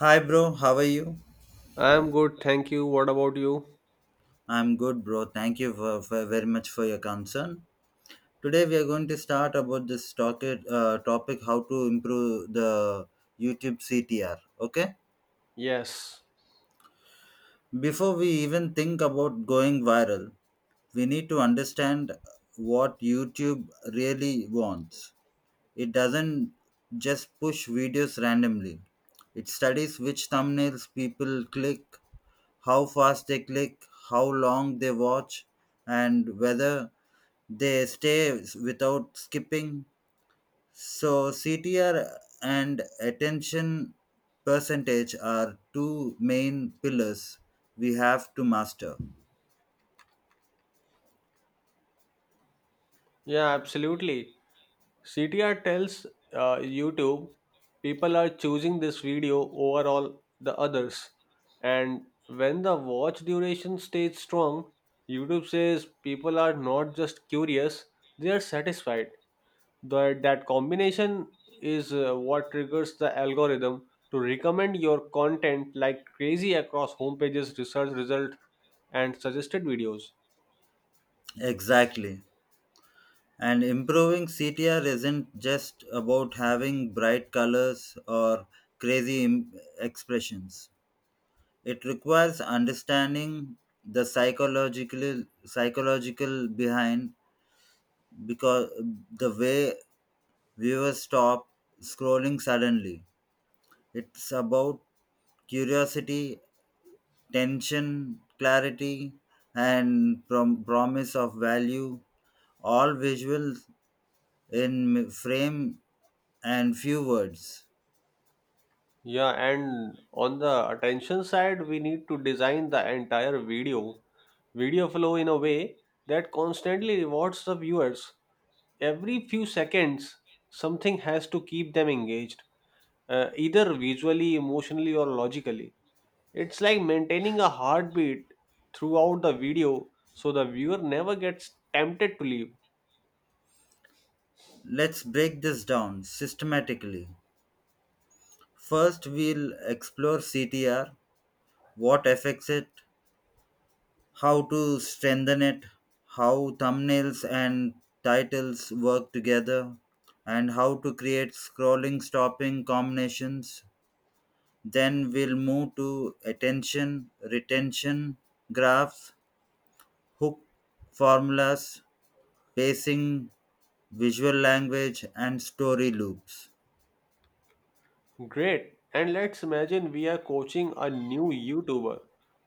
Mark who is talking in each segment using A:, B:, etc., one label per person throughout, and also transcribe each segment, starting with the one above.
A: Hi, bro. How are you?
B: I'm good, thank you. What about you?
A: I'm good, bro. Thank you for very much for your concern. Today we are going to start about this topic how to improve the YouTube CTR. Okay.
B: Yes.
A: Before we even think about going viral, we need to understand what YouTube really wants. It doesn't just push videos randomly. It studies which thumbnails people click, how fast they click, how long they watch, and whether they stay without skipping. So, CTR and attention percentage are two main pillars we have to master.
B: Yeah, absolutely. CTR tells YouTube people are choosing this video over all the others. And when the watch duration stays strong, YouTube says people are not just curious, they are satisfied. That combination is what triggers the algorithm to recommend your content like crazy across homepages, research result, and suggested videos.
A: Exactly. And improving CTR isn't just about having bright colors or crazy im- expressions. It requires understanding the psychological behind because the way viewers stop scrolling suddenly. It's about curiosity, tension, clarity, and promise of value. All visuals in frame and few words.
B: Yeah, and on the attention side, we need to design the entire video flow in a way that constantly rewards the viewers. Every few seconds, something has to keep them engaged, either visually, emotionally, or logically. It's like maintaining a heartbeat throughout the video so the viewer never gets tempted to leave.
A: Let's break this down systematically. First, we'll explore CTR, what affects it, how to strengthen it, how thumbnails and titles work together, and how to create scrolling stopping combinations. Then we'll move to attention, retention, graphs, hook formulas, pacing, visual language, and story loops.
B: Great. And let's imagine we are coaching a new YouTuber,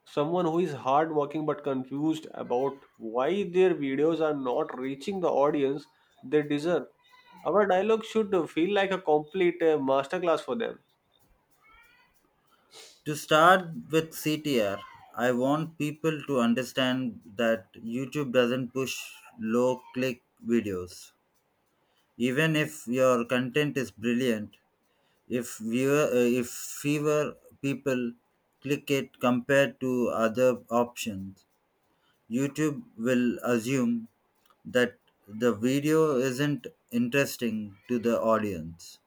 B: someone who is hardworking but confused about why their videos are not reaching the audience they deserve. Our dialogue should feel like a complete masterclass for them,
A: To start with CTR, I want people to understand that YouTube doesn't push low click videos. Even if your content is brilliant, if viewer if fewer people click it compared to other options, YouTube will assume that the video isn't interesting to the audience.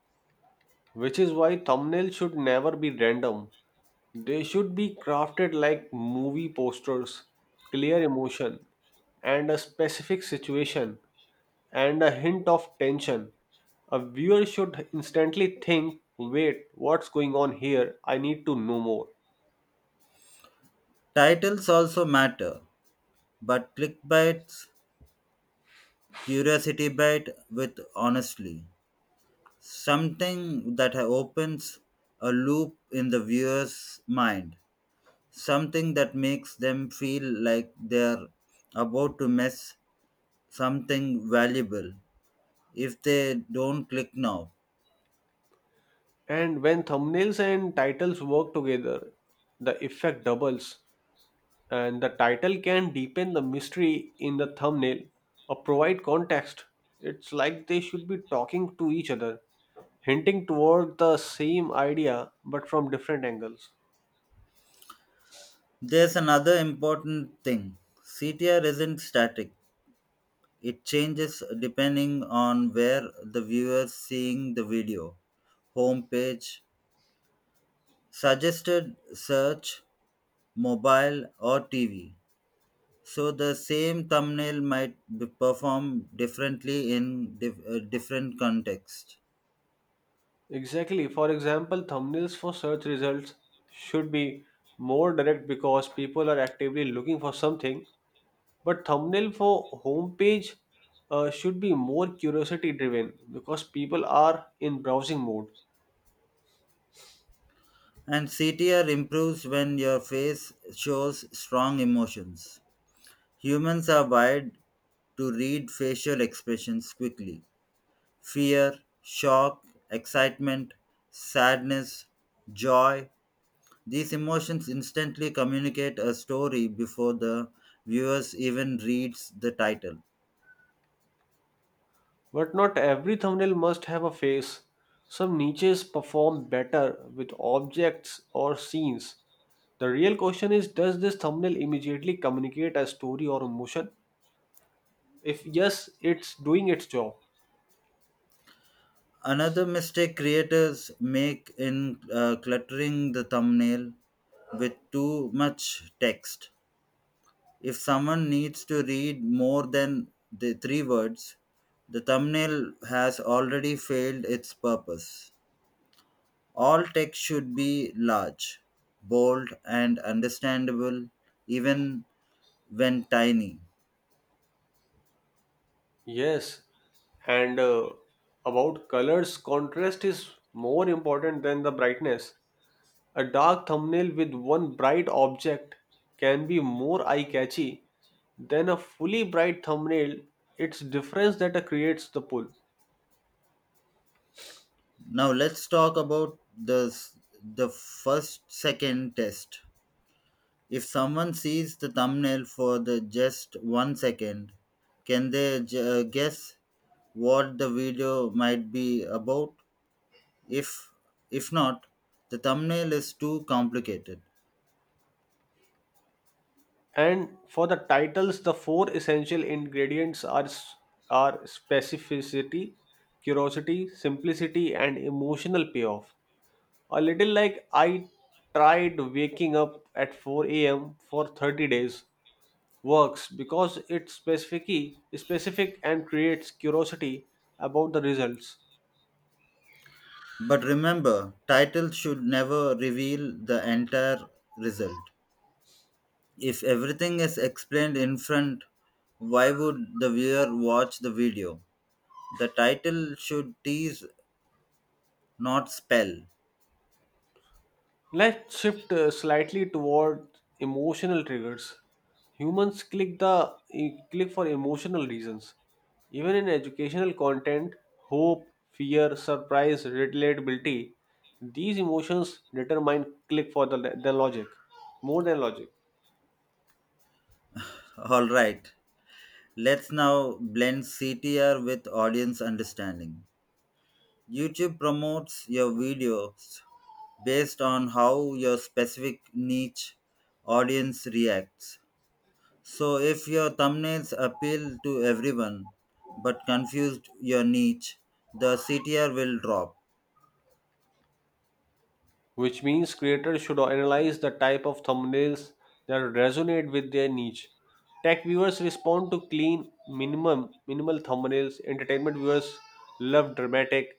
B: which is why thumbnails should never be random. They should be crafted like movie posters, clear emotion, and a specific situation and a hint of tension. A viewer should instantly think, wait, what's going on here? I need to know more.
A: Titles also matter, but clickbaits, curiosity bait with honestly something that opens a loop in the viewer's mind, something that makes them feel like they're about to miss something valuable if they don't click now.
B: And when thumbnails and titles work together, the effect doubles, and the title can deepen the mystery in the thumbnail or provide context. It's like they should be talking to each other, hinting toward the same idea but from different angles.
A: There's another important thing: CTR isn't static, it changes depending on where the viewer's seeing the video: homepage, suggested search, mobile, or TV. So the same thumbnail might be perform differently in different contexts.
B: Exactly. For example, thumbnails for search results should be more direct because people are actively looking for something. But thumbnail for homepage should be more curiosity driven because people are in browsing mode.
A: And CTR improves when your face shows strong emotions. Humans are wired to read facial expressions quickly: fear, shock, excitement, sadness, joy. These emotions instantly communicate a story before the viewers even reads the title.
B: But not every thumbnail must have a face. Some niches perform better with objects or scenes. The real question is, does this thumbnail immediately communicate a story or emotion? If yes, it's doing its job.
A: Another mistake creators make in cluttering the thumbnail with too much text. If someone needs to read more than the three words, the thumbnail has already failed its purpose. All text should be large, bold, and understandable, even when tiny.
B: Yes, and about colors, contrast is more important than the brightness. A dark thumbnail with one bright object can be more eye catchy than a fully bright thumbnail. It's difference that creates the pull.
A: Now let's talk about the first second test. If someone sees the thumbnail for the just 1 second, can they guess what the video might be about? If if not, the thumbnail is too complicated.
B: And for the titles, the four essential ingredients are are specificity, curiosity, simplicity, and emotional payoff. A little like I tried waking up at 4 a.m. for 30 days works because it's specific and creates curiosity about the results.
A: But remember, title should never reveal the entire result. If everything is explained in front, why would the viewer watch the video? The title should tease, not spell.
B: Let's shift slightly toward emotional triggers. Humans click for emotional reasons. Even in educational content, hope, fear, surprise, relatability, these emotions determine click for the logic more than logic.
A: All right, let's now blend CTR with audience understanding. YouTube promotes your videos based on how your specific niche audience reacts. So if your thumbnails appeal to everyone but confused your niche, the CTR will drop.
B: Which means creators should analyze the type of thumbnails that resonate with their niche. Tech viewers respond to clean, minimal thumbnails. Entertainment viewers love dramatic,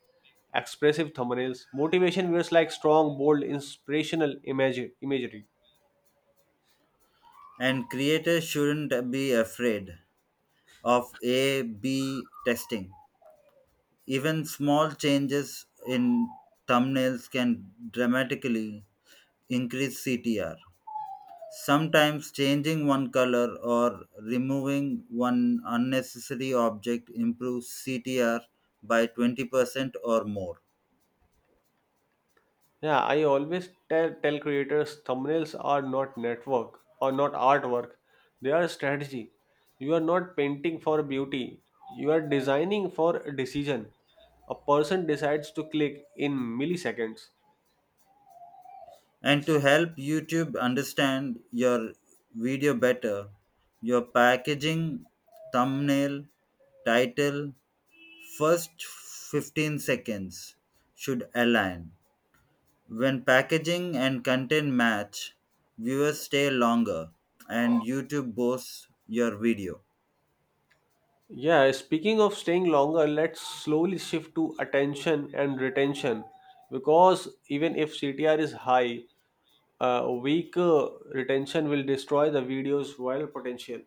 B: expressive thumbnails. Motivation viewers like strong, bold, inspirational imagery.
A: And creators shouldn't be afraid of A/B testing. Even small changes in thumbnails can dramatically increase CTR. Sometimes changing one color or removing one unnecessary object improves CTR by 20% or more.
B: Yeah, I always tell creators thumbnails are not network or not artwork. They are a strategy. You are not painting for beauty. You are designing for a decision. A person decides to click in milliseconds.
A: And to help YouTube understand your video better, your packaging, thumbnail, title, first 15 seconds should align. When packaging and content match, viewers stay longer and YouTube boosts your video.
B: Yeah, speaking of staying longer, let's slowly shift to attention and retention because even if CTR is high, weak retention will destroy the video's viral potential.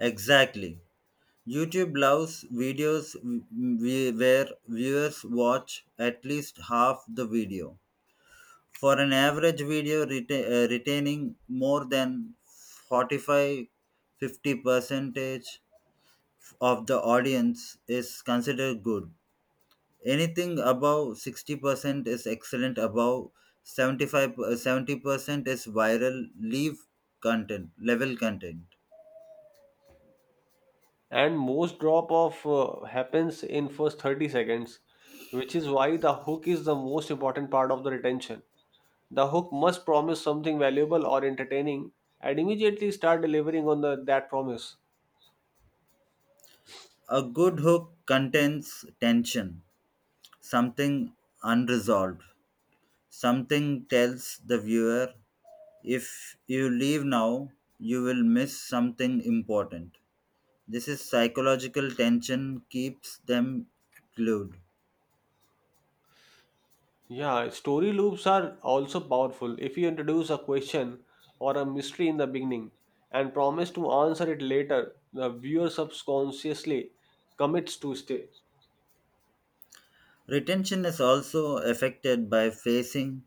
A: Exactly. YouTube loves videos we where viewers watch at least half the video. For an average video retaining more than 45, fifty 50 percentage of the audience is considered good. Anything above 60% is excellent, above 75, 70% is viral leave content, level content.
B: And most drop off happens in first 30 seconds, which is why the hook is the most important part of the retention. The hook must promise something valuable or entertaining and immediately start delivering on that promise.
A: A good hook contains tension, something unresolved. Something tells the viewer if you leave now, you will miss something important. This is psychological tension keeps them glued.
B: Yeah, story loops are also powerful. If you introduce a question or a mystery in the beginning and promise to answer it later, the viewer subconsciously commits to stay.
A: Retention is also affected by facing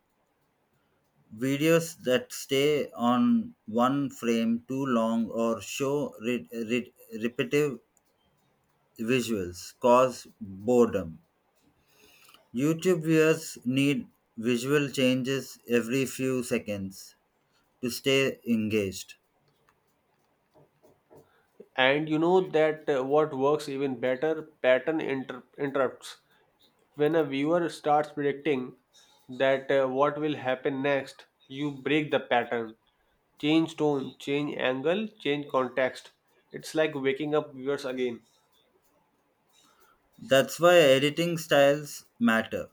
A: videos that stay on one frame too long or show repetitive visuals cause boredom. YouTube viewers need visual changes every few seconds to stay engaged.
B: And you know that what works even better, interrupts. When a viewer starts predicting that what will happen next, you break the pattern. Change tone, change angle, change context. It's like waking up viewers again.
A: That's why editing styles matter.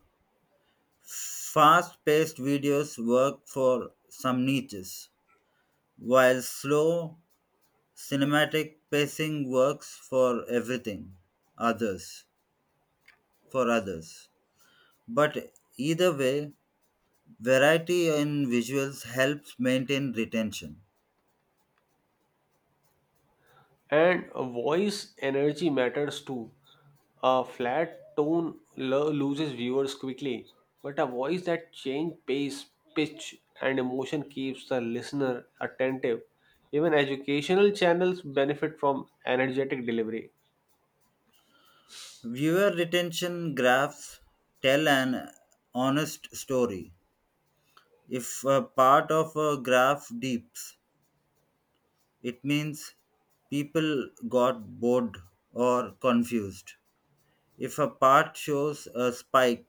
A: Fast paced videos work for some niches, while slow cinematic pacing works for everything others for others. But either way, variety in visuals helps maintain retention.
B: And voice energy matters too. A flat tone loses viewers quickly, but a voice that changes pace, pitch, and emotion keeps the listener attentive. Even educational channels benefit from energetic delivery.
A: Viewer retention graphs tell an honest story. If a part of a graph dips, it means people got bored or confused. If a part shows a spike,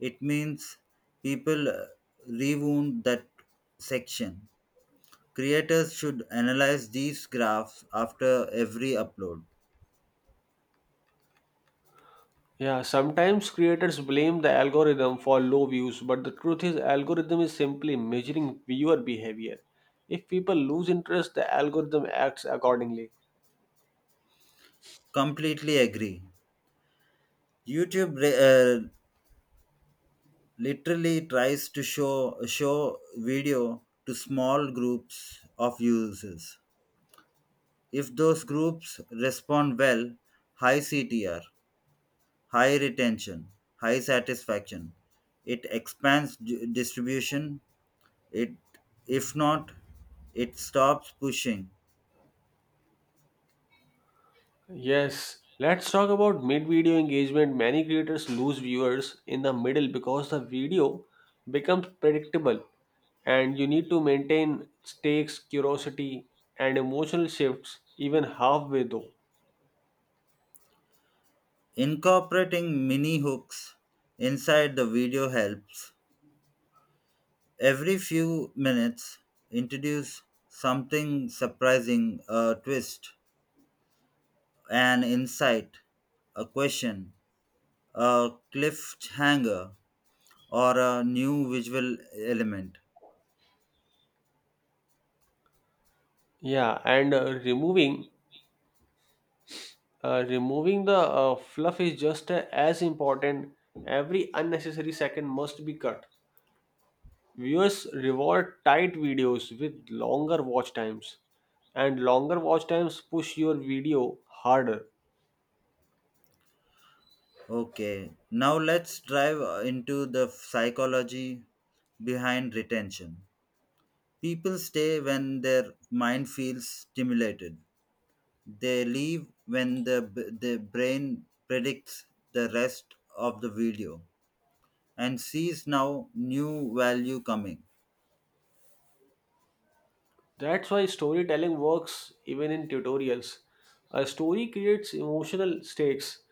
A: it means people rewound that section. Creators should analyze these graphs after every upload.
B: Yeah, sometimes creators blame the algorithm for low views, but the truth is algorithm is simply measuring viewer behavior. If people lose interest, the algorithm acts accordingly.
A: Completely agree. YouTube literally tries to show video to small groups of users. If those groups respond well, high CTR, high retention, high satisfaction, it expands distribution. It if not, it stops pushing.
B: Yes, let's talk about mid-video engagement. Many creators lose viewers in the middle because the video becomes predictable, and you need to maintain stakes, curiosity and emotional shifts even halfway though.
A: Incorporating mini hooks inside the video helps. Every few minutes, introduce something surprising: a twist, an insight, a question, a cliffhanger, or a new visual element.
B: Yeah, and removing removing the fluff is just as important. Every unnecessary second must be cut. Viewers reward tight videos with longer watch times, and longer watch times push your video harder.
A: Okay, now let's dive into the psychology behind retention. People stay when their mind feels stimulated. They leave when the brain predicts the rest of the video and sees now new value coming.
B: That's why storytelling works even in tutorials. A story creates emotional stakes.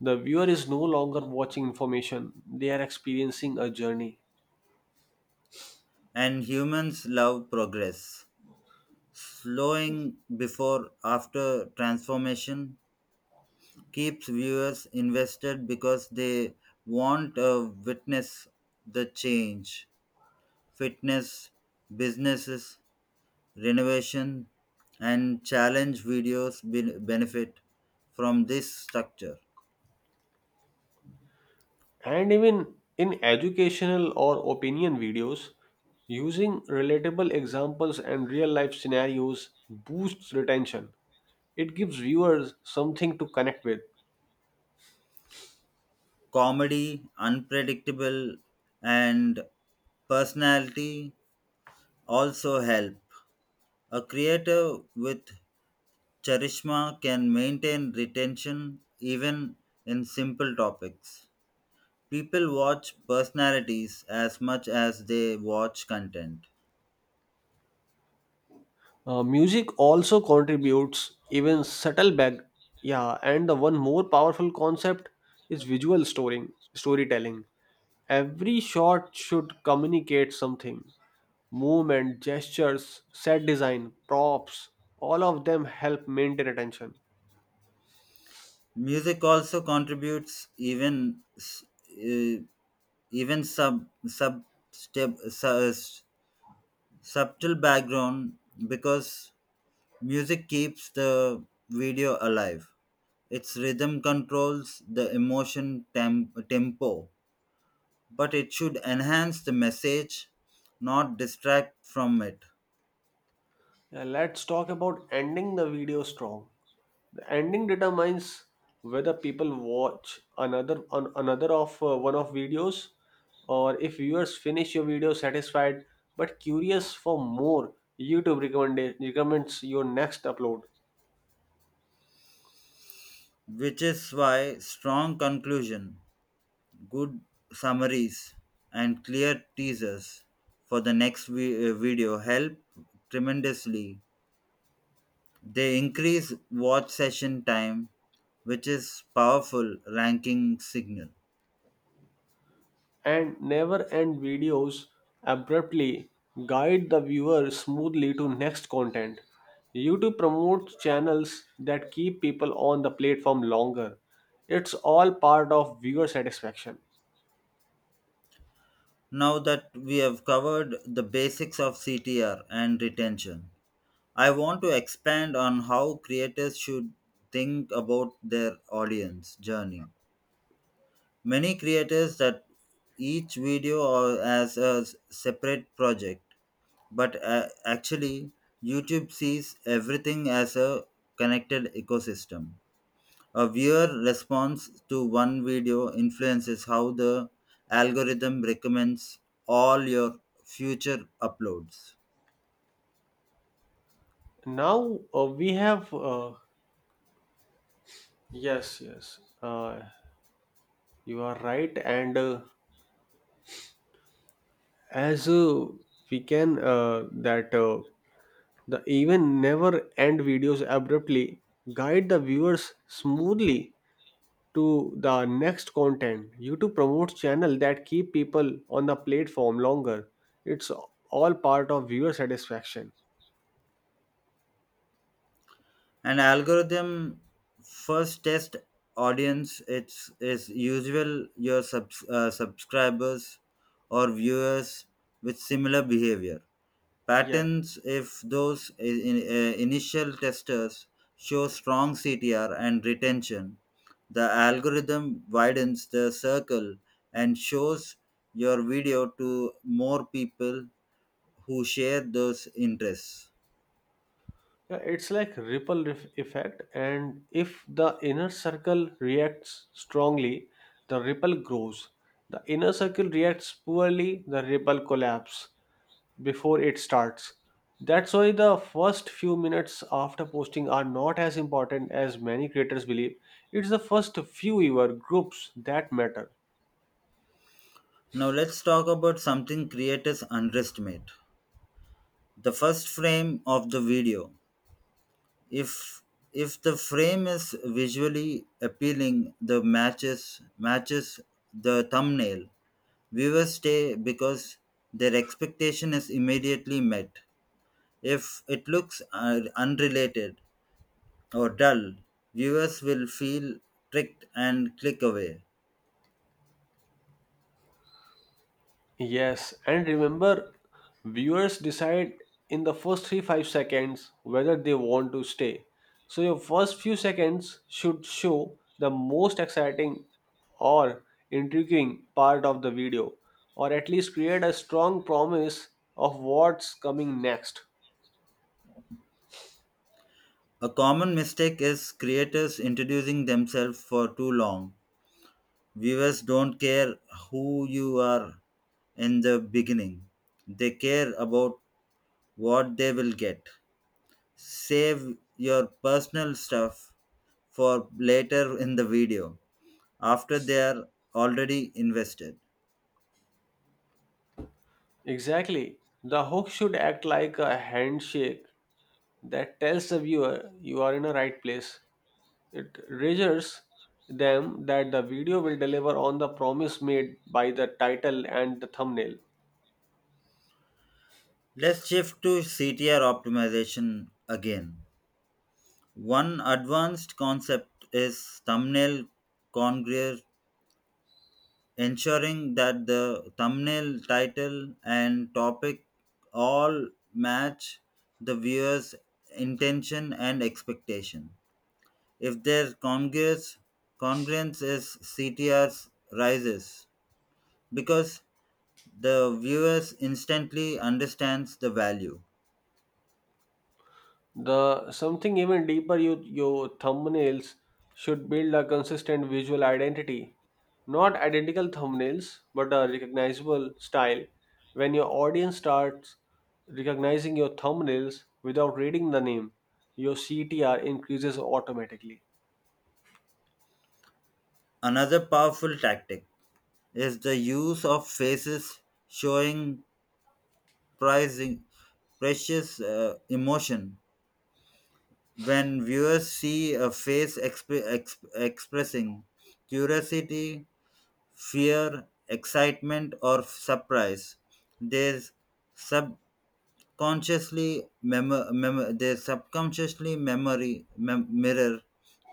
B: The viewer is no longer watching information, they are experiencing a journey.
A: And humans love progress. Slowing before after transformation keeps viewers invested because they want to witness the change. Fitness businesses, renovation, and challenge videos benefit from this structure.
B: And even in educational or opinion videos, using relatable examples and real life scenarios boosts retention. It gives viewers something to connect with.
A: Comedy, unpredictable, and personality also help. A creator with charisma can maintain retention even in simple topics. People watch personalities as much as they watch content.
B: Music also contributes even subtle bag, yeah, and the one more powerful concept is visual storing storytelling. Every shot should communicate something. Movement, gestures, set design, props, all of them help maintain attention.
A: Music also contributes, even s- uh, even sub sub step su- subtle background, because music keeps the video alive. Its rhythm controls the emotion, tem- tempo, but it should enhance the message, not distract from it.
B: Yeah, let's talk about ending the video strong. The ending determines whether people watch another of one of videos, or if viewers finish your video satisfied but curious for more, YouTube recommends your next upload.
A: Which is why strong conclusion, good summaries, and clear teasers for the next video help tremendously. They increase watch session time, which is powerful ranking signal.
B: And never end videos abruptly. Guide the viewer smoothly to next content. YouTube promotes channels that keep people on the platform longer. It's all part of viewer satisfaction.
A: Now that we have covered the basics of CTR and retention, I want to expand on how creators should think about their audience journey. Many creators that each video or as a separate project, but actually YouTube sees everything as a connected ecosystem. A viewer response to one video influences how the algorithm recommends all your future uploads.
B: Now we have yes, you are right, and as we can that the even never end videos abruptly, guide the viewers smoothly to the next content. YouTube promotes channel that keep people on the platform longer. It's all part of viewer satisfaction.
A: An algorithm first test audience it's is usual your subscribers or viewers with similar behavior
B: Yeah.
A: patterns. If those initial testers show strong CTR and retention, the algorithm widens the circle and shows your video to more people who share those interests.
B: Yeah, it's like effect, and if the inner circle reacts strongly, the ripple grows. The inner circle reacts poorly, the ripple collapse before it starts. That's why the first few minutes after posting are not as important as many creators believe. It's the first few your groups that matter.
A: Now let's talk about something creators underestimate: the first frame of the video. If if the frame is visually appealing, the matches the thumbnail. Viewers stay because their expectation is immediately met. If it looks unrelated or dull, viewers will feel tricked and click away.
B: Yes, and remember, viewers decide in the first 3-5 seconds whether they want to stay. So your first few seconds should show the most exciting or intriguing part of the video or at least create a strong promise of what's coming next.
A: A common mistake is creators introducing themselves for too long. Viewers don't care who you are in the beginning, they care about what they will get. Save your personal stuff for later in the video after they are already invested.
B: Exactly. The hook should act like a handshake that tells the viewer you are in the right place. It reassures them that the video will deliver on the promise made by the title and the thumbnail.
A: Let's shift to CTR optimization again. One advanced concept is thumbnail congruence, ensuring that the thumbnail, title, and topic all match the viewer's intention and expectation. If their congruence is CTR's rises because the viewers instantly understands the value.
B: The something even deeper, you your thumbnails should build a consistent visual identity. Not identical thumbnails, but a recognizable style. When your audience starts recognizing your thumbnails without reading the name, your CTR increases automatically.
A: Another powerful tactic is the use of faces showing pricing precious emotion. When viewers see a face expressing curiosity, fear, excitement, or surprise, they subconsciously mirror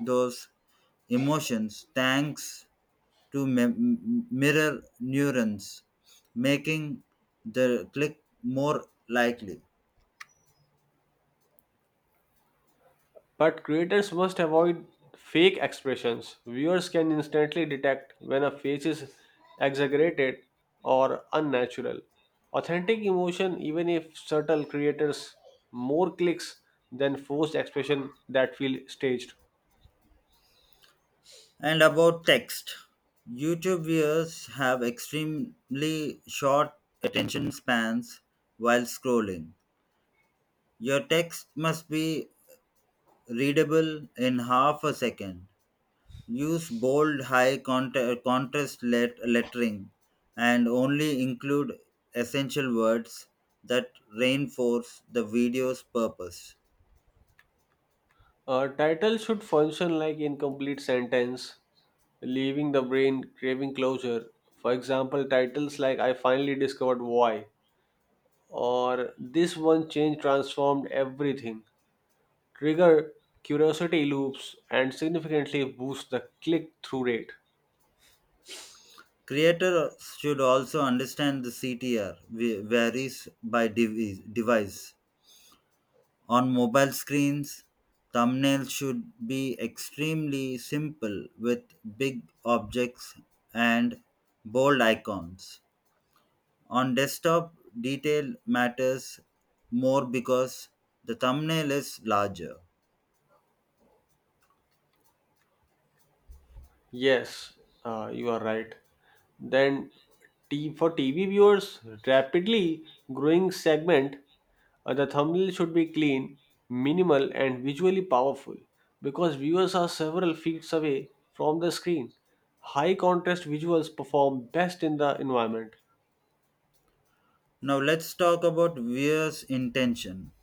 A: those emotions thanks to mirror neurons, making the click more likely.
B: But creators must avoid fake expressions. Viewers can instantly detect when a face is exaggerated or unnatural. Authentic emotion, even if subtle, creators more clicks than forced expression that feel staged.
A: And about text, YouTube viewers have extremely short attention spans while scrolling. Your text must be readable in half a second. Use bold, high contrast lettering and only include essential words that reinforce the video's purpose.
B: A title should function like incomplete sentence, leaving the brain craving closure. For example, titles like I finally discovered why or this one change transformed everything trigger curiosity loops and significantly boost the click through rate.
A: Creators should also understand the CTR varies by device. On mobile screens, thumbnails should be extremely simple with big objects and bold icons. On desktop, detail matters more because the thumbnail is larger.
B: Yes, you are right. Then, for TV viewers, rapidly growing segment, the thumbnail should be clean, minimal, and visually powerful because viewers are several feet away from the screen. High contrast visuals perform best in the environment.
A: Now let's talk about viewers' intention.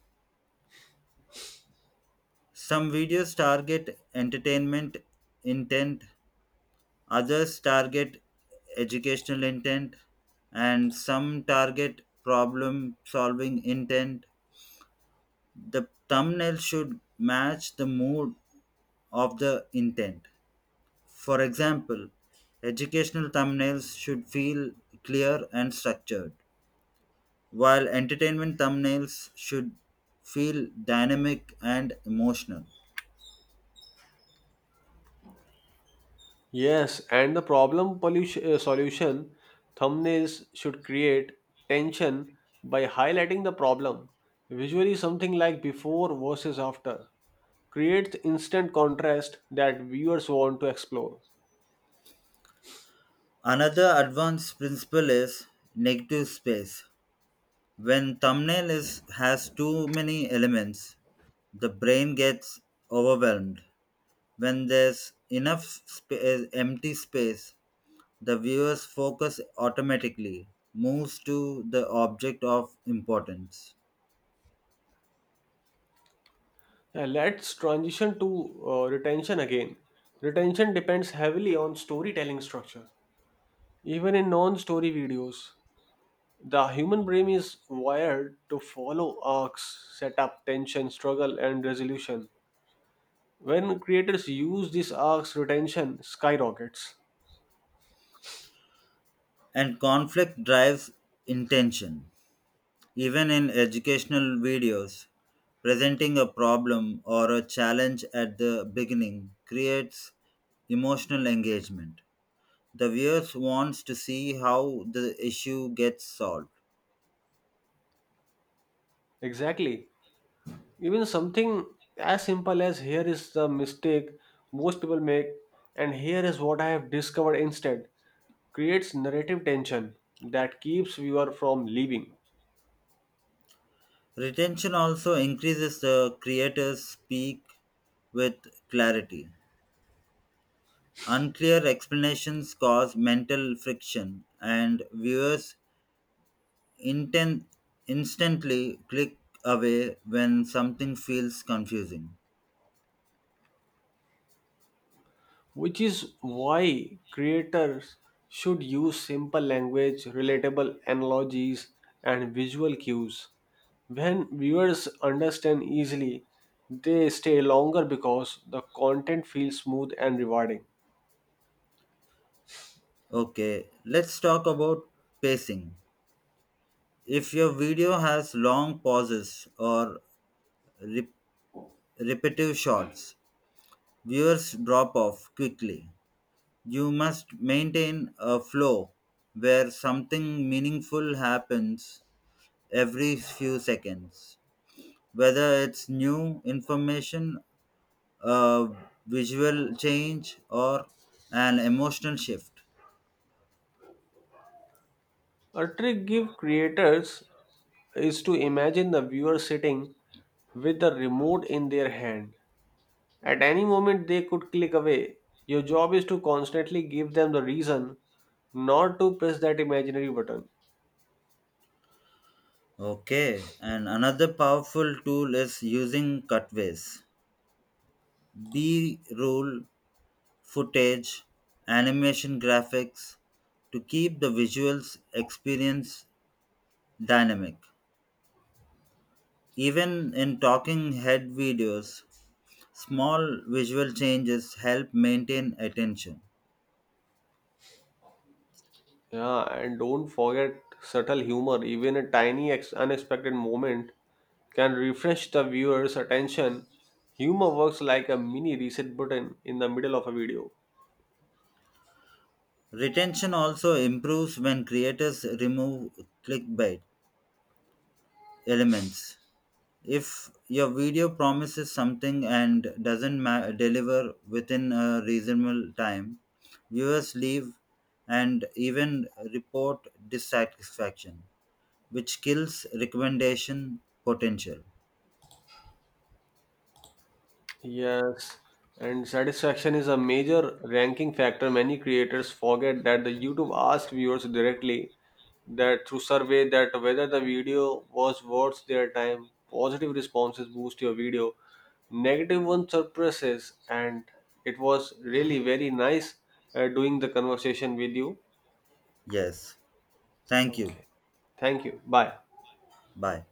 A: Some videos target entertainment intent, others target educational intent, and some target problem solving intent. The thumbnail should match the mood of the intent. For example, educational thumbnails should feel clear and structured, while entertainment thumbnails should feel dynamic and emotional.
B: Yes, and the problem pollution, solution thumbnails should create tension by highlighting the problem. Visually, something like before versus after creates instant contrast that viewers want to explore.
A: Another advanced principle is negative space. When thumbnail is has too many elements, the brain gets overwhelmed. When there's enough empty space, the viewer's focus automatically moves to the object of importance.
B: Let's transition to retention again. Retention depends heavily on storytelling structure. Even in non story videos, the human brain is wired to follow arcs, setup, tension, struggle, and resolution. When creators use this arcs, retention skyrockets.
A: And conflict drives intention. Even in educational videos, presenting a problem or a challenge at the beginning creates emotional engagement. The viewers wants to see how the issue gets solved.
B: Exactly. Even something as simple as here is the mistake most people make, and here is what I have discovered instead creates narrative tension that keeps viewer from leaving.
A: Retention also increases the creators speak with clarity. Unclear explanations cause mental friction and viewers inten- instantly click away when something feels confusing.
B: Which is why creators should use simple language, relatable analogies, and visual cues. When viewers understand easily, they stay longer because the content feels smooth and rewarding.
A: Okay, let's talk about pacing. If your video has long pauses or rep- repetitive shots, viewers drop off quickly. You must maintain a flow where something meaningful happens every few seconds, whether it's new information, a visual change, or an emotional shift.
B: A trick give creators is to imagine the viewer sitting with the remote in their hand. At any moment, they could click away. Your job is to constantly give them the reason not to press that imaginary button.
A: Okay, and another powerful tool is using cutaways: B roll footage, animation graphics to keep the visuals experience dynamic. Even in talking head videos, small visual changes help maintain attention.
B: Yeah, and don't forget subtle humor. Even a tiny unexpected moment can refresh the viewer's attention. Humor works like a mini reset button in the middle of a video.
A: Retention also improves when creators remove clickbait elements. If your video promises something and doesn't deliver within a reasonable time, viewers leave and even report dissatisfaction, which kills recommendation potential.
B: Yes, and satisfaction is a major ranking factor. Many creators forget that the YouTube asked viewers directly that through survey that whether the video was worth their time. Positive responses boost your video. Negative one suppresses, and it was really very nice doing the conversation with you.
A: Yes, thank you.
B: Okay. Thank you. Bye.
A: Bye.